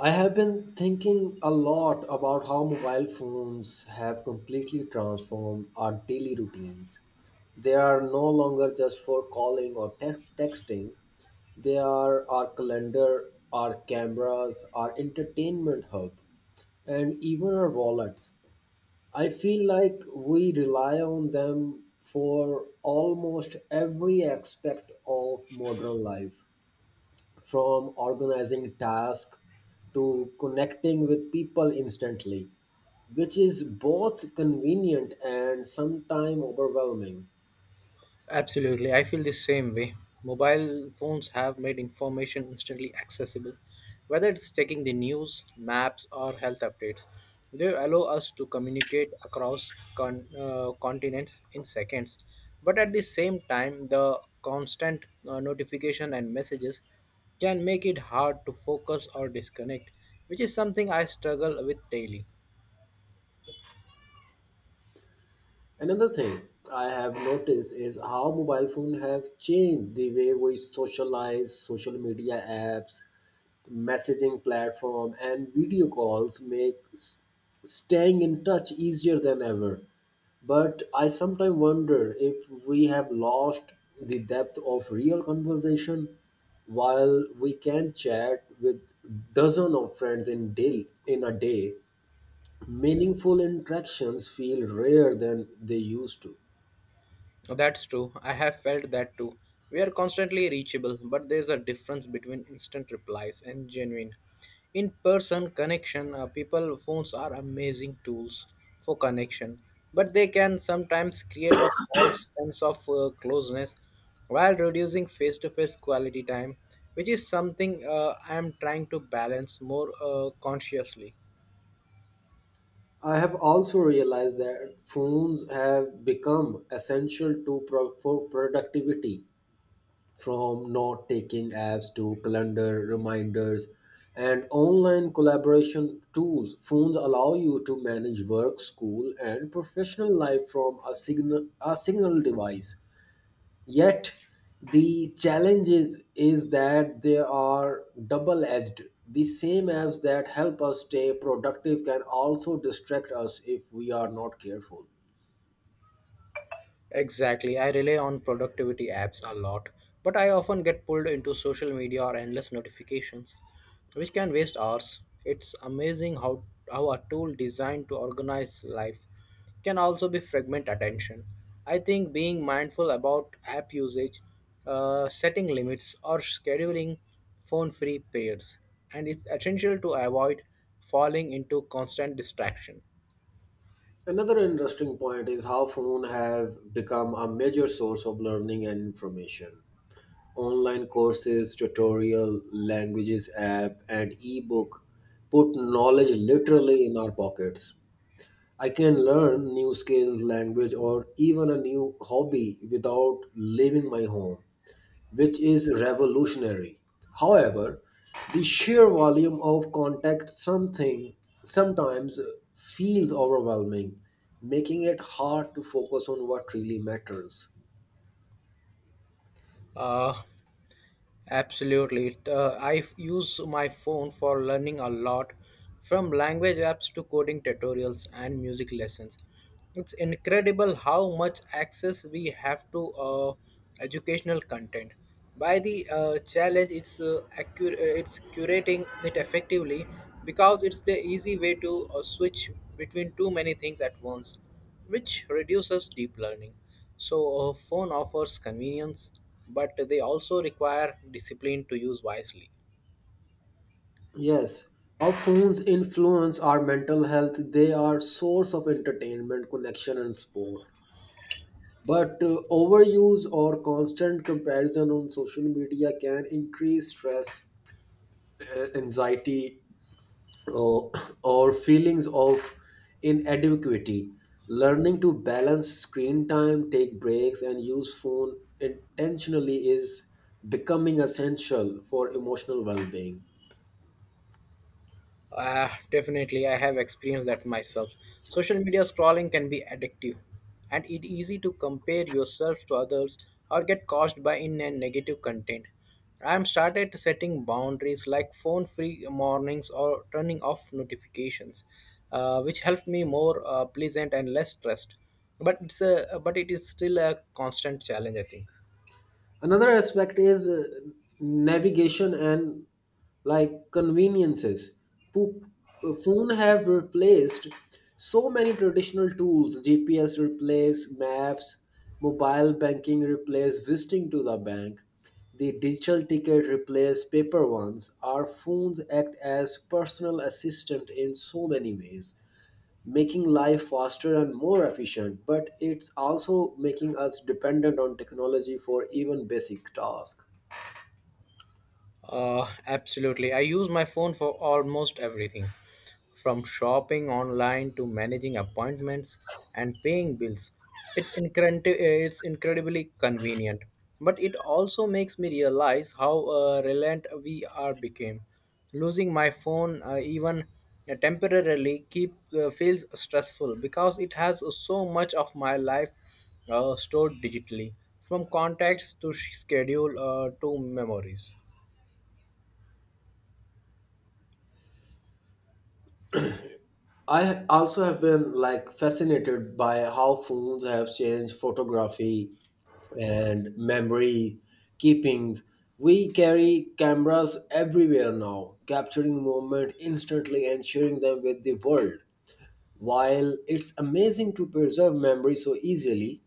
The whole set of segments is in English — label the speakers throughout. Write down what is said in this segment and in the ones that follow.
Speaker 1: I have been thinking a lot about how mobile phones have completely transformed our daily routines. They are no longer just for calling or texting, they are our calendar, our cameras, our entertainment hub, and even our wallets. I feel like we rely on them for almost every aspect of modern life from organizing tasks to connecting with people instantly, which is both convenient and sometimes overwhelming.
Speaker 2: Absolutely, I feel the same way. Mobile phones have made information instantly accessible, whether it's checking the news, maps, or health updates. They allow us to communicate across continents in seconds. But at the same time, the constant notification and messages can make it hard to focus or disconnect, which is something I struggle with daily.
Speaker 1: Another thing I have noticed is how mobile phone have changed the way we socialize, social media apps, messaging platform and video calls make staying in touch easier than ever. But I sometimes wonder if we have lost the depth of real conversation while we can chat with dozen of friends in a day. Meaningful interactions feel rare than they used to.
Speaker 2: That's true. I have felt that too. We are constantly reachable, but there's a difference between instant replies and genuine. In person connection, people phones are amazing tools for connection, but they can sometimes create a false sense of closeness while reducing face to face quality time, which is something I am trying to balance more consciously.
Speaker 1: I have also realized that phones have become essential for productivity, from note taking apps to calendar reminders and online collaboration tools. Phones allow you to manage work, school, and professional life from a signal device. Yet, the challenge is that they are double edged. The same apps that help us stay productive can also distract us if we are not careful.
Speaker 2: Exactly. I rely on productivity apps a lot, but I often get pulled into social media or endless notifications, which can waste hours. It's amazing how a tool designed to organize life can also be fragment attention. I think being mindful about app usage, setting limits, or scheduling phone free periods, and it's essential to avoid falling into constant distraction.
Speaker 1: Another interesting point is how phones have become a major source of learning and information. Online courses, tutorial, languages app, and ebook put knowledge literally in our pockets. I can learn new skills, language, or even a new hobby without leaving my home, which is revolutionary. However, the sheer volume of contact something sometimes feels overwhelming, making it hard to focus on what really matters.
Speaker 2: Uh, absolutely. Use my phone for learning a lot, from language apps to coding tutorials and music lessons. It's incredible how much access we have to educational content. By the challenge, it's it's curating it effectively because it's the easy way to switch between too many things at once which reduces deep learning. So, a phone offers convenience, but they also require discipline to use wisely.
Speaker 1: Yes, our phones influence our mental health. They are source of entertainment, connection, and sport. But overuse or constant comparison on social media can increase stress, anxiety, uh, or feelings of inadequacy. Learning to balance screen time, take breaks, and use phone intentionally is becoming essential for emotional well-being.
Speaker 2: Definitely, I have experienced that myself. Social media scrolling can be addictive, and it easy to compare yourself to others or get caused by in and negative content. I am started setting boundaries like phone free mornings or turning off notifications, which helped me more pleasant and less stressed. But it is still a constant challenge, I think.
Speaker 1: Another aspect is navigation and like conveniences. Po- Phone have replaced so many traditional tools. GPS replace maps, mobile banking replace visiting to the bank, the digital ticket replace paper ones. Our phones act as personal assistant in so many ways, making life faster and more efficient, but it's also making us dependent on technology for even basic tasks.
Speaker 2: Absolutely. I use my phone for almost everything from shopping online to managing appointments and paying bills. It's incredibly convenient, but it also makes me realize how reliant we are became. Losing my phone, even temporarily, keep feels stressful because it has so much of my life stored digitally, from contacts to schedule to memories.
Speaker 1: I also have been like fascinated by how phones have changed photography and memory keepings. We carry cameras everywhere now, capturing moment instantly and sharing them with the world. While it's amazing to preserve memory so easily,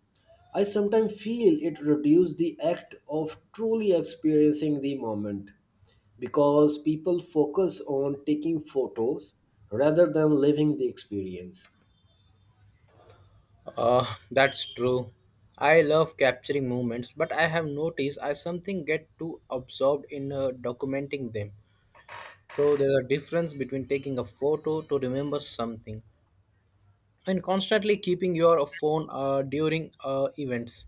Speaker 1: I sometimes feel it reduces the act of truly experiencing the moment because people focus on taking photos rather than living the experience.
Speaker 2: That's true. I love capturing moments, but I have noticed I something get too absorbed in documenting them. So there's a difference between taking a photo to remember something and constantly keeping your phone during events.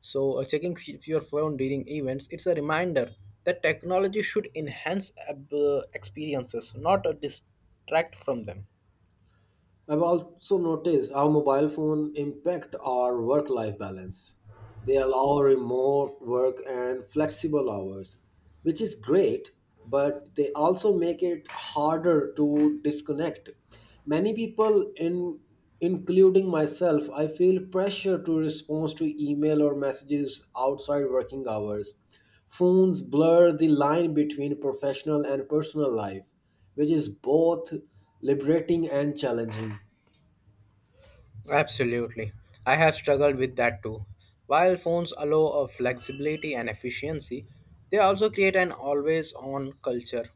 Speaker 2: So your phone during events, it's a reminder that technology should enhance experiences, not distract from them.
Speaker 1: I've also noticed how mobile phone impact our work-life balance. They allow remote work and flexible hours, which is great, but they also make it harder to disconnect. Many people in Including myself, I feel pressure to respond to email or messages outside working hours. Phones blur the line between professional and personal life, which is both liberating and challenging.
Speaker 2: Absolutely. I have struggled with that too. While phones allow a flexibility and efficiency, they also create an always on culture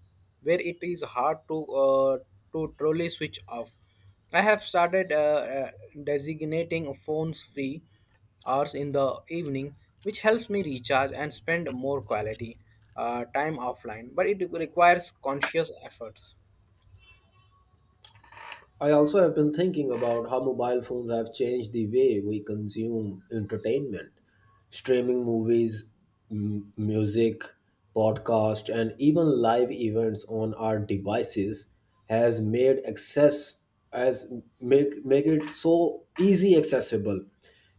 Speaker 2: where it is hard to truly switch off. I have started designating phones free hours in the evening, which helps me recharge and spend more quality time offline, but it requires conscious efforts.
Speaker 1: I also have been thinking about how mobile phones have changed the way we consume entertainment. Streaming movies, music, podcast, and even live events on our devices has made access as make it so easy accessible.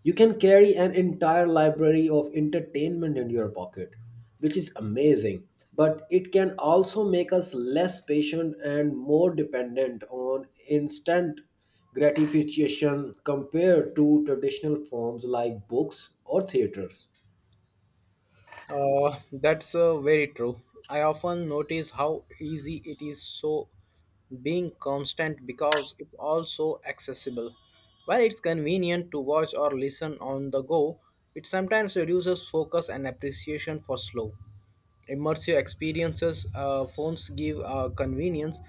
Speaker 1: You can carry an entire library of entertainment in your pocket, which is amazing, but it can also make us less patient and more dependent on instant gratification compared to traditional forms like books or theaters.
Speaker 2: That's very true. I often notice how easy it is so being constant because it's also accessible. While it's convenient to watch or listen on the go, it sometimes reduces focus and appreciation for slow, immersive experiences. Phones give convenience,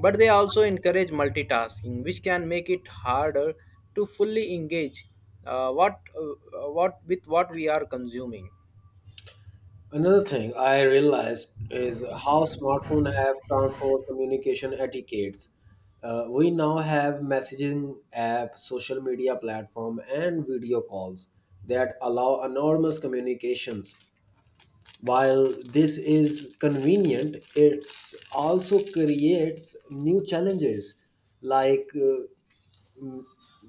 Speaker 2: but they also encourage multitasking, which can make it harder to fully engage what with what we are consuming.
Speaker 1: Another thing I realized is how smartphones have transformed communication etiquettes. We now have messaging app, social media platform and video calls that allow enormous communications. While this is convenient, it also creates new challenges like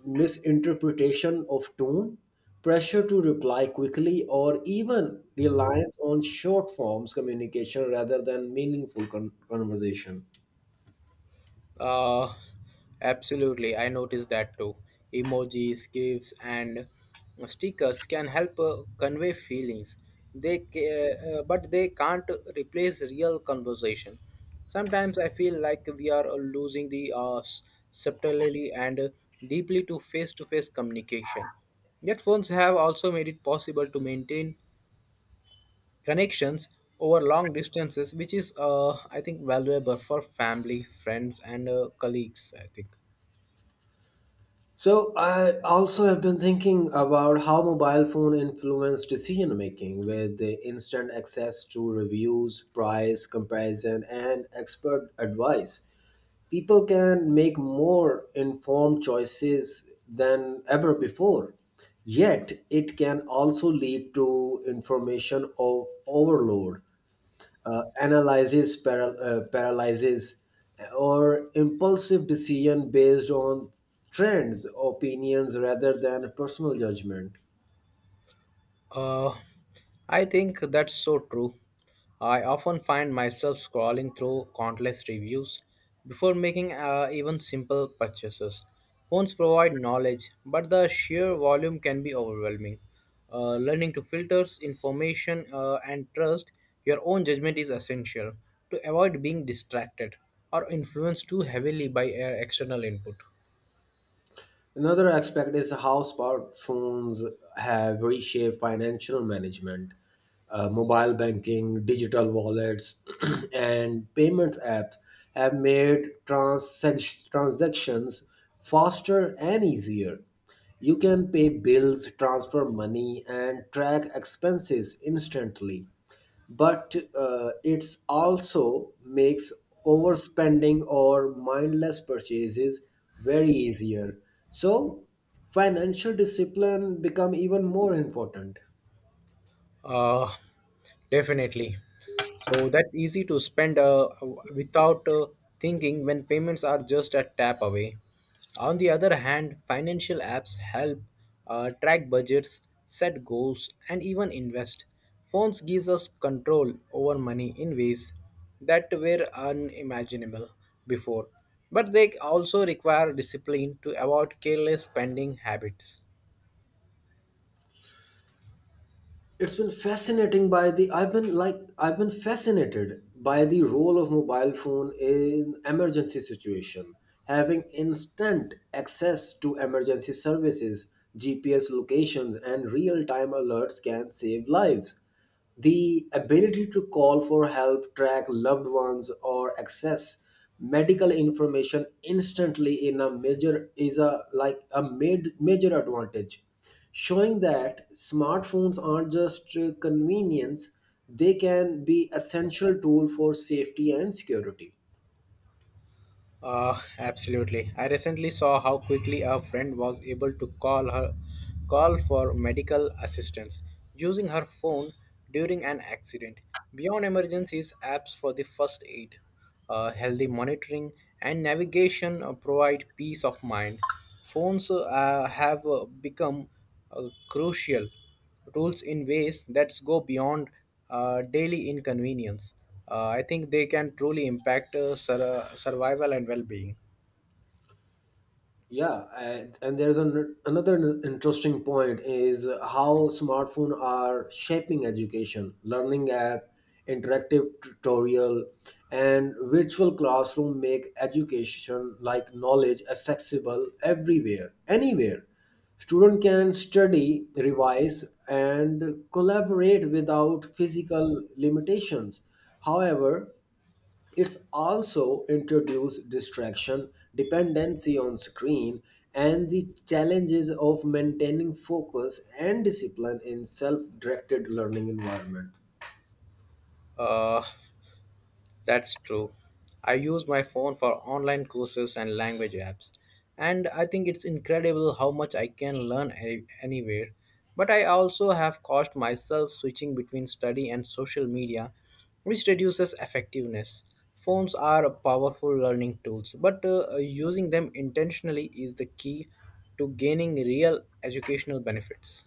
Speaker 1: misinterpretation of tone, pressure to reply quickly, or even reliance on short forms communication rather than meaningful conversation.
Speaker 2: Uh, absolutely. I noticed that too. Emojis, GIFs, and stickers can help convey feelings. But they can't replace real conversation. Sometimes I feel like we are losing the subtlety and deeply to face-to-face communication. Yet phones have also made it possible to maintain connections over long distances, which is, I think, valuable for family, friends, and colleagues. I think.
Speaker 1: So I also have been thinking about how mobile phone influence decision making, with the instant access to reviews, price comparison and expert advice. People can make more informed choices than ever before. Yet, it can also lead to information overload, analysis paralysis, or impulsive decision based on trends, opinions, rather than personal judgment.
Speaker 2: Uh, I think that's so true. I often find myself scrolling through countless reviews before making even simple purchases. Phones provide knowledge, but the sheer volume can be overwhelming. Learning to filter information and trust your own judgment is essential to avoid being distracted or influenced too heavily by external input.
Speaker 1: Another aspect is how smartphones have reshaped financial management. Mobile banking, digital wallets, and payments apps have made transactions faster and easier. You can pay bills, transfer money, and track expenses instantly, but it's also makes overspending or mindless purchases very easier, so financial discipline become even more important.
Speaker 2: Uh, definitely. So that's easy to spend without thinking when payments are just a tap away. On the other hand, financial apps help track budgets, set goals, and even invest. Phones gives us control over money in ways that were unimaginable before, but they also require discipline to avoid careless spending habits.
Speaker 1: It's been fascinating by the I've been like I've been fascinated by the role of mobile phone in emergency situation. Having instant access to emergency services, GPS locations and real time alerts can save lives. The ability to call for help, track loved ones, or access medical information instantly in a major is a like a made, major advantage, showing that smartphones aren't just convenience; they can be essential tool for safety and security.
Speaker 2: Absolutely. I recently saw how quickly a friend was able to call for medical assistance using her phone during an accident. Beyond emergencies, apps for the first aid, healthy monitoring, and navigation provide peace of mind. Phones have become crucial rules in ways that go beyond daily inconvenience. I think they can truly impact survival and well being.
Speaker 1: Yeah, another interesting point is how smartphones are shaping education. Learning app, interactive tutorial and virtual classroom make education like knowledge accessible everywhere, anywhere. Student can study, revise and collaborate without physical limitations. However, it's also introduced distraction, dependency on screen, and the challenges of maintaining focus and discipline in self-directed learning environment.
Speaker 2: Uh, That's true. I use my phone for online courses and language apps, and I think it's incredible how much I can learn anywhere. But I also have caused myself switching between study and social media, which reduces effectiveness. Phones are powerful learning tools, but using them intentionally is the key to gaining real educational benefits.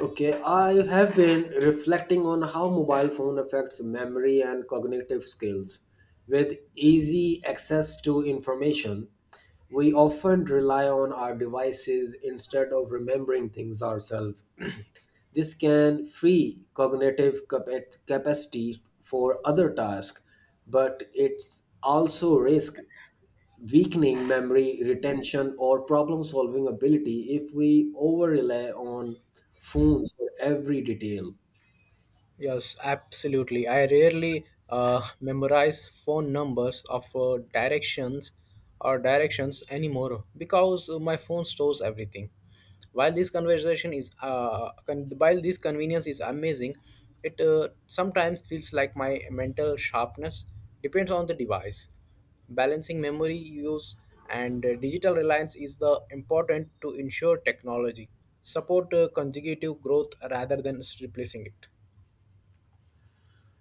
Speaker 1: Okay, I have been reflecting on how mobile phone affects memory and cognitive skills. With easy access to information, we often rely on our devices instead of remembering things ourselves. This can free cognitive capacity for other tasks, but it's also risk weakening memory retention or problem solving ability if we over rely on phones for every detail.
Speaker 2: Yes, absolutely. I rarely memorize phone numbers of directions anymore because my phone stores everything. While this conversation is con- while this convenience is amazing, it sometimes feels like my mental sharpness depends on the device. Balancing memory use and digital reliance is the important to ensure technology support consecutive growth rather than replacing it.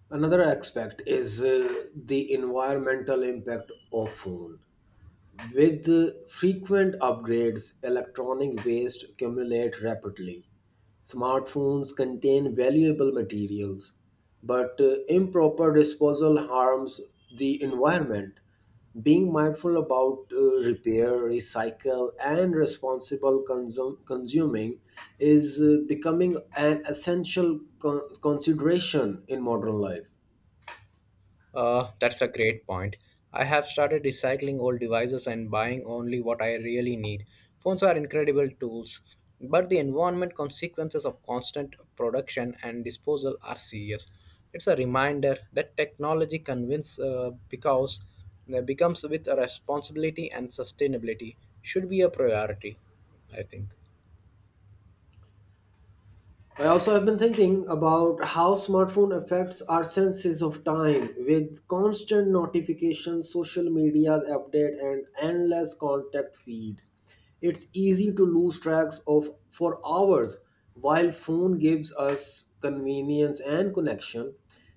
Speaker 1: Another aspect is the environmental impact of phone. With frequent upgrades, electronic waste accumulates rapidly. Smartphones contain valuable materials, but improper disposal harms the environment. Being mindful about repair, recycle, and responsible consuming is becoming an essential consideration in modern life.
Speaker 2: That's a great point. I have started recycling old devices and buying only what I really need. Phones are incredible tools, but the environment consequences of constant production and disposal are serious. It's a reminder that technology convinces because becomes with a responsibility and sustainability should be a priority, I think.
Speaker 1: I also have been thinking about how smartphone affects our senses of time, with constant notifications, social media update and endless contact feeds. It's easy to lose tracks of for hours while phone gives us convenience and connection.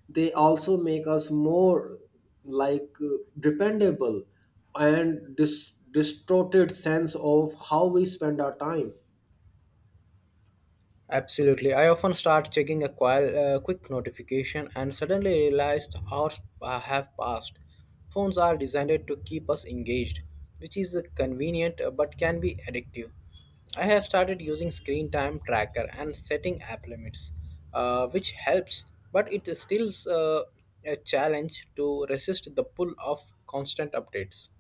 Speaker 1: They also make us more like dependable and distorted sense of how we spend our time.
Speaker 2: Absolutely. I often start checking a quick notification and suddenly realized hours have passed. Phones are designed to keep us engaged, which is convenient but can be addictive. I have started using screen time tracker and setting app limits, which helps, but it is still a challenge to resist the pull of constant updates.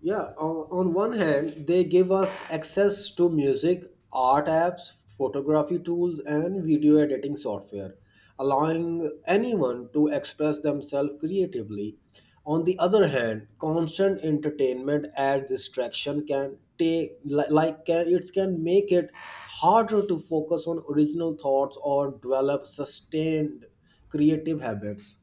Speaker 1: Yeah, on one hand, they give us access to music, art apps, photography tools, and video editing software, allowing anyone to express themselves creatively. On the other hand, constant entertainment and distraction can take li- like can, it can make it harder to focus on original thoughts or develop sustained creative habits.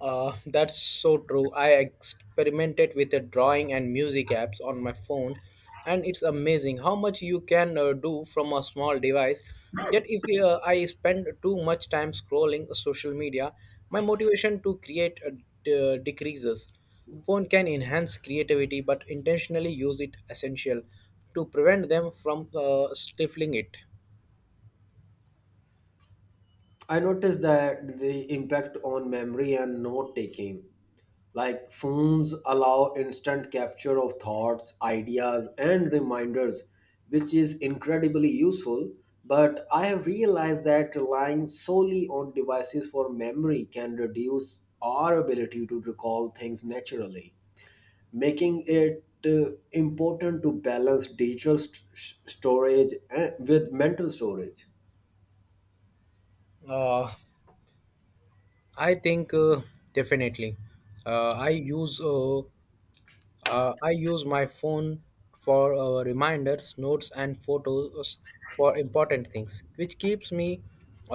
Speaker 2: That's so true. I experimented with the drawing and music apps on my phone, and it's amazing how much you can do from a small device. Yet, if I spend too much time scrolling social media, my motivation to create decreases. Phone can enhance creativity, but intentionally use it essential to prevent them from stifling it.
Speaker 1: I noticed that the impact on memory and note taking. Like, phones allow instant capture of thoughts, ideas, and reminders, which is incredibly useful. But I have realized that relying solely on devices for memory can reduce our ability to recall things naturally, making it important to balance digital storage eh, with mental storage.
Speaker 2: Uh, I think definitely. Uh, I use uh, I use my phone for reminders, notes, and photos for important things, which keeps me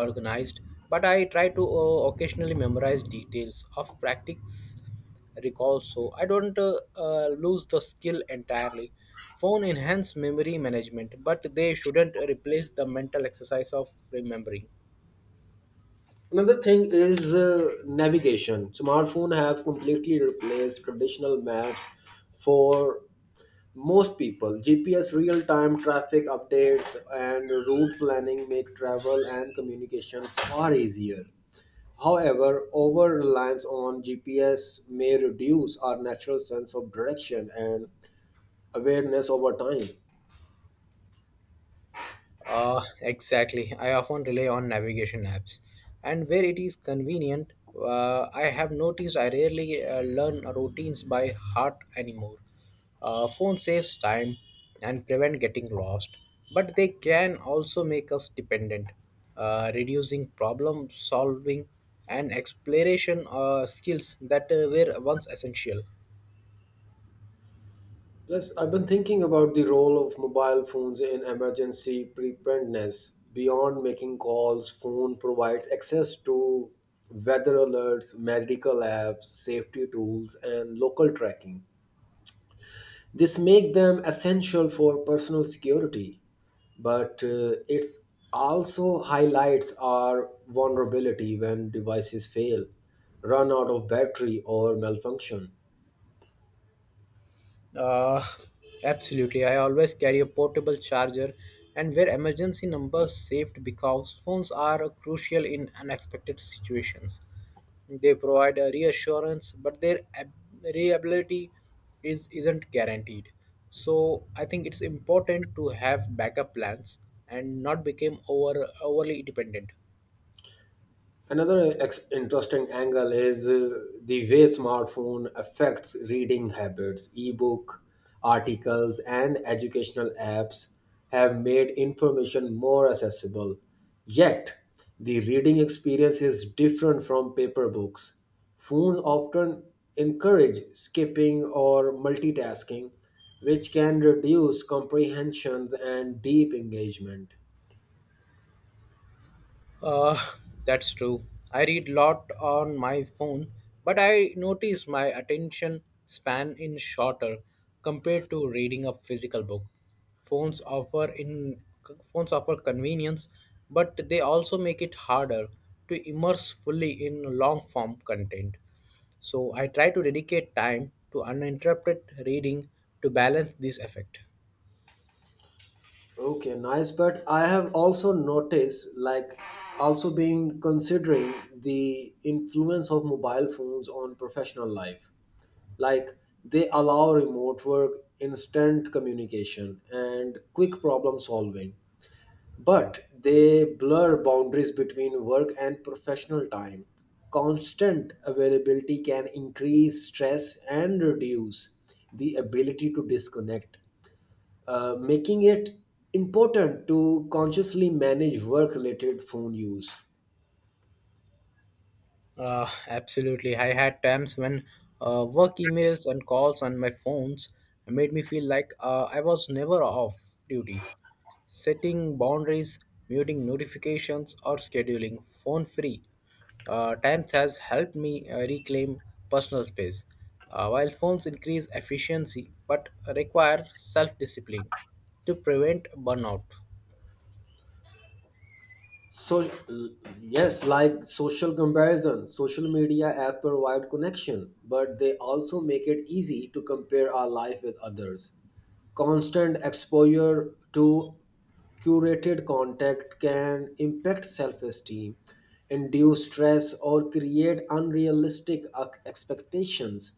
Speaker 2: organized. But I try to occasionally memorize details of practice recall, so I don't lose the skill entirely. Phone enhance memory management, but they shouldn't replace the mental exercise of remembering.
Speaker 1: Another thing is navigation. Smartphone have completely replaced traditional maps for most people. GPS real-time traffic updates and route planning make travel and communication far easier. However, over reliance on GPS may reduce our natural sense of direction and awareness over time.
Speaker 2: Exactly. I often rely on navigation apps, and where it is convenient, I have noticed I rarely learn routines by heart anymore. Phone saves time and prevent getting lost, but they can also make us dependent, reducing problem solving and exploration skills that were once essential.
Speaker 1: Plus, I've been thinking about the role of mobile phones in emergency preparedness. Beyond making calls, phone provides access to weather alerts, medical apps, safety tools, and local tracking. This makes them essential for personal security, but it's also highlights our vulnerability when devices fail, run out of battery, or malfunction.
Speaker 2: Uh, absolutely. I always carry a portable charger and where emergency numbers saved because phones are crucial in unexpected situations. They provide a reassurance, but their reliability is isn't guaranteed. So I think it's important to have backup plans and not become overly dependent.
Speaker 1: Another interesting angle is the way smartphone affects reading habits. Ebook, articles, and educational apps have made information more accessible. Yet, the reading experience is different from paper books. Phones often encourage skipping or multitasking, which can reduce comprehensions and deep engagement.
Speaker 2: Uh, that's true. I read a lot on my phone, but I notice my attention span is shorter compared to reading a physical book. Phones offer in Phones offer convenience, but they also make it harder to immerse fully in long form content. So I try to dedicate time to uninterrupted reading to balance this effect.
Speaker 1: Okay, nice. But I have also noticed, like, also being considering the influence of mobile phones on professional life. Like, they allow remote work, instant communication, and quick problem solving. But they blur boundaries between work and professional time. Constant availability can increase stress and reduce the ability to disconnect, making it important to consciously manage work related phone use.
Speaker 2: Absolutely. I had times when work emails and calls on my phones made me feel like I was never off duty. Setting boundaries, muting notifications, or scheduling phone free times has helped me reclaim personal space. While phones increase efficiency but require self discipline to prevent burnout.
Speaker 1: So, yes, like social comparison, social media app provide connection, but they also make it easy to compare our life with others. Constant exposure to curated content can impact self-esteem, induce stress or create unrealistic expectations,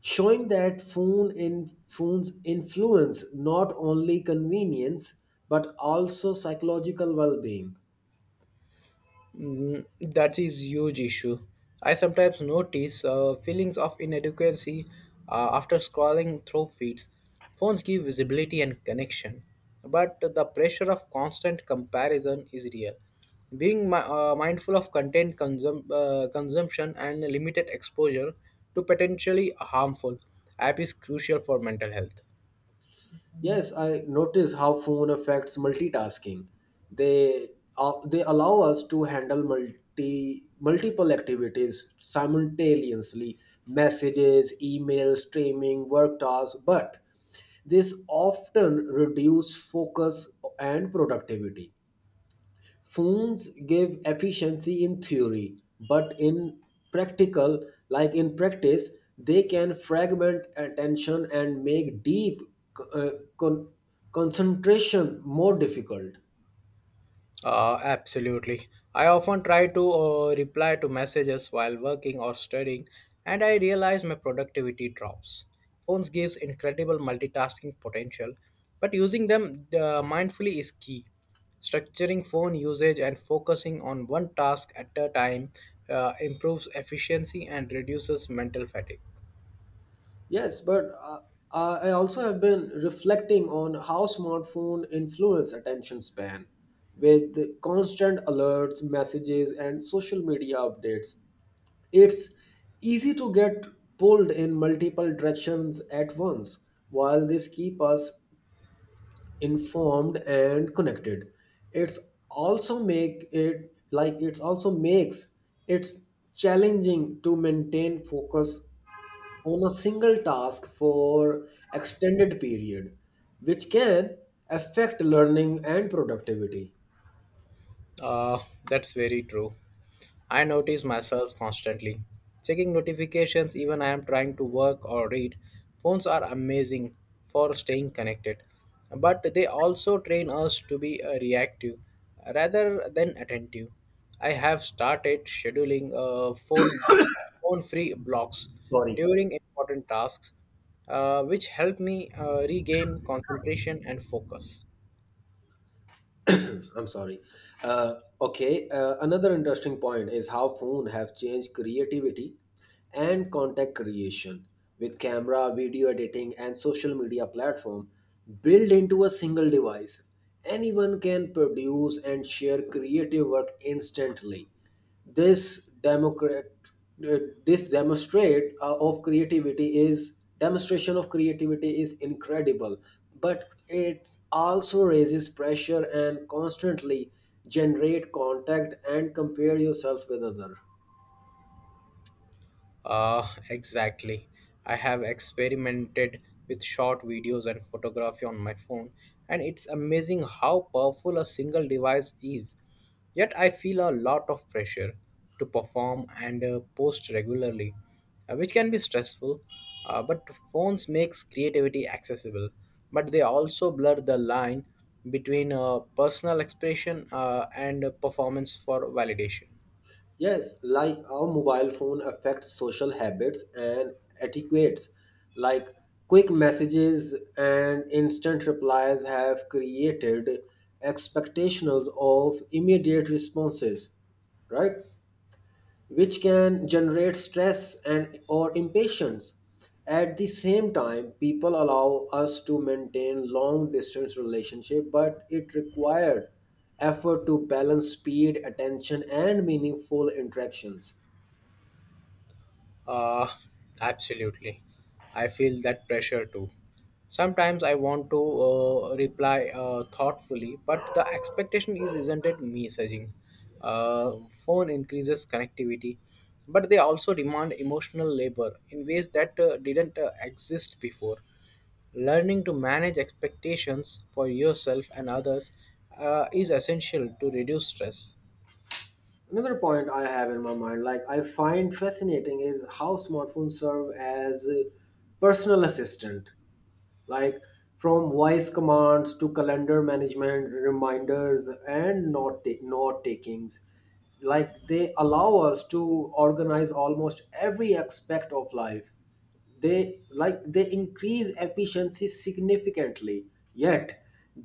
Speaker 1: showing that phones influence not only convenience but also psychological well-being.
Speaker 2: Mm, that is huge issue. I sometimes notice feelings of inadequacy after scrolling through feeds. Phones give visibility and connection, but the pressure of constant comparison is real. Being mindful of content consumption and limited exposure to potentially harmful app is crucial for mental health.
Speaker 1: Yes, I notice how phone affects multitasking. they they allow us to handle multiple activities simultaneously, messages, emails, streaming, work tasks, but this often reduces focus and productivity. Phones give efficiency in theory, but in practical, like in practice, they can fragment attention and make deep uh, con- concentration more difficult.
Speaker 2: Absolutely. I often try to reply to messages while working or studying, and I realize my productivity drops. Phones gives incredible multitasking potential, but using them mindfully is key. Structuring phone usage and focusing on one task at a time improves efficiency and reduces mental fatigue.
Speaker 1: Yes, but I also have been reflecting on how smartphone influence attention span with constant alerts, messages, and social media updates. It's easy to get pulled in multiple directions at once. While this keep us informed and connected, it's it's also makes it challenging to maintain focus on a single task for extended period, which can affect learning and productivity.
Speaker 2: Uh, that's very true. I notice myself constantly. Checking notifications even I am trying to work or read. Phones are amazing for staying connected, but they also train us to be reactive rather than attentive. I have started scheduling phone free blocks during important tasks, which help me regain concentration and focus.
Speaker 1: I'm sorry. Uh, okay, another interesting point is how phone have changed creativity and content creation with camera, video editing, and social media platform built into a single device. Anyone can produce and share creative work instantly. This democrat, uh, this demonstrate of creativity is Demonstration of creativity is incredible, but it also raises pressure and constantly generate contact and compare yourself with other.
Speaker 2: Exactly. I have experimented with short videos and photography on my phone, and it's amazing how powerful a single device is. Yet, I feel a lot of pressure to perform and post regularly, which can be stressful. But phones makes creativity accessible, but they also blur the line between personal expression and performance for validation.
Speaker 1: Yes, like our mobile phone affects social habits and etiquettes. Like, quick messages and instant replies have created expectations of immediate responses, right? Which can generate stress and or impatience. At the same time, people allow us to maintain long distance relationship, but it required effort to balance speed, attention and meaningful interactions.
Speaker 2: Uh, absolutely. I feel that pressure too. Sometimes I want to reply thoughtfully, but the expectation is isn't it messaging. Phone increases connectivity, but they also demand emotional labor in ways that didn't exist before. Learning to manage expectations for yourself and others is essential to reduce stress.
Speaker 1: Another point I have in my mind, like I find fascinating, is how smartphones serve as a personal assistant, like from voice commands to calendar management, reminders and note takings. They allow us to organize almost every aspect of life. They increase efficiency significantly. Yet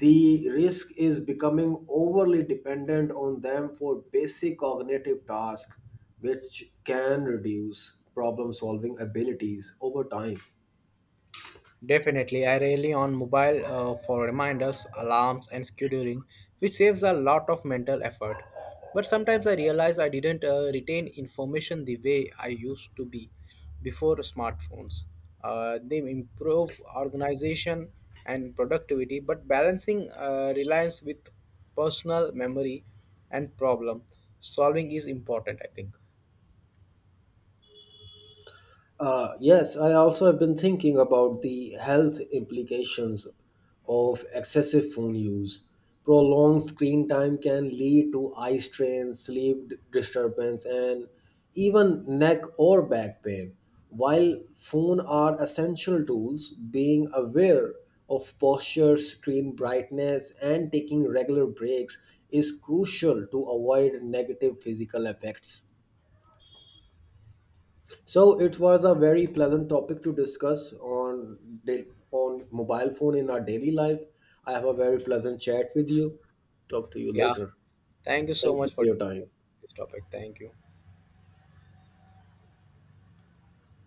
Speaker 1: the risk is becoming overly dependent on them for basic cognitive tasks, which can reduce problem solving abilities over time.
Speaker 2: Definitely, I rely on mobile for reminders, alarms, and scheduling, which saves a lot of mental effort. But sometimes I realize I didn't retain information the way I used to be before smartphones. They improve organization and productivity, but balancing reliance with personal memory and problem solving is important, I think.
Speaker 1: Yes, I also have been thinking about the health implications of excessive phone use. Prolonged screen time can lead to eye strain, sleep disturbance, and even neck or back pain. While phones are essential tools, being aware of posture, screen brightness, and taking regular breaks is crucial to avoid negative physical effects. So it was a very pleasant topic to discuss on on mobile phone in our daily life. I have a very pleasant chat with you. Talk to you
Speaker 2: Yeah,
Speaker 1: later.
Speaker 2: thank you so
Speaker 1: Thank you
Speaker 2: much
Speaker 1: for
Speaker 2: for
Speaker 1: your time.
Speaker 2: this topic. Thank you.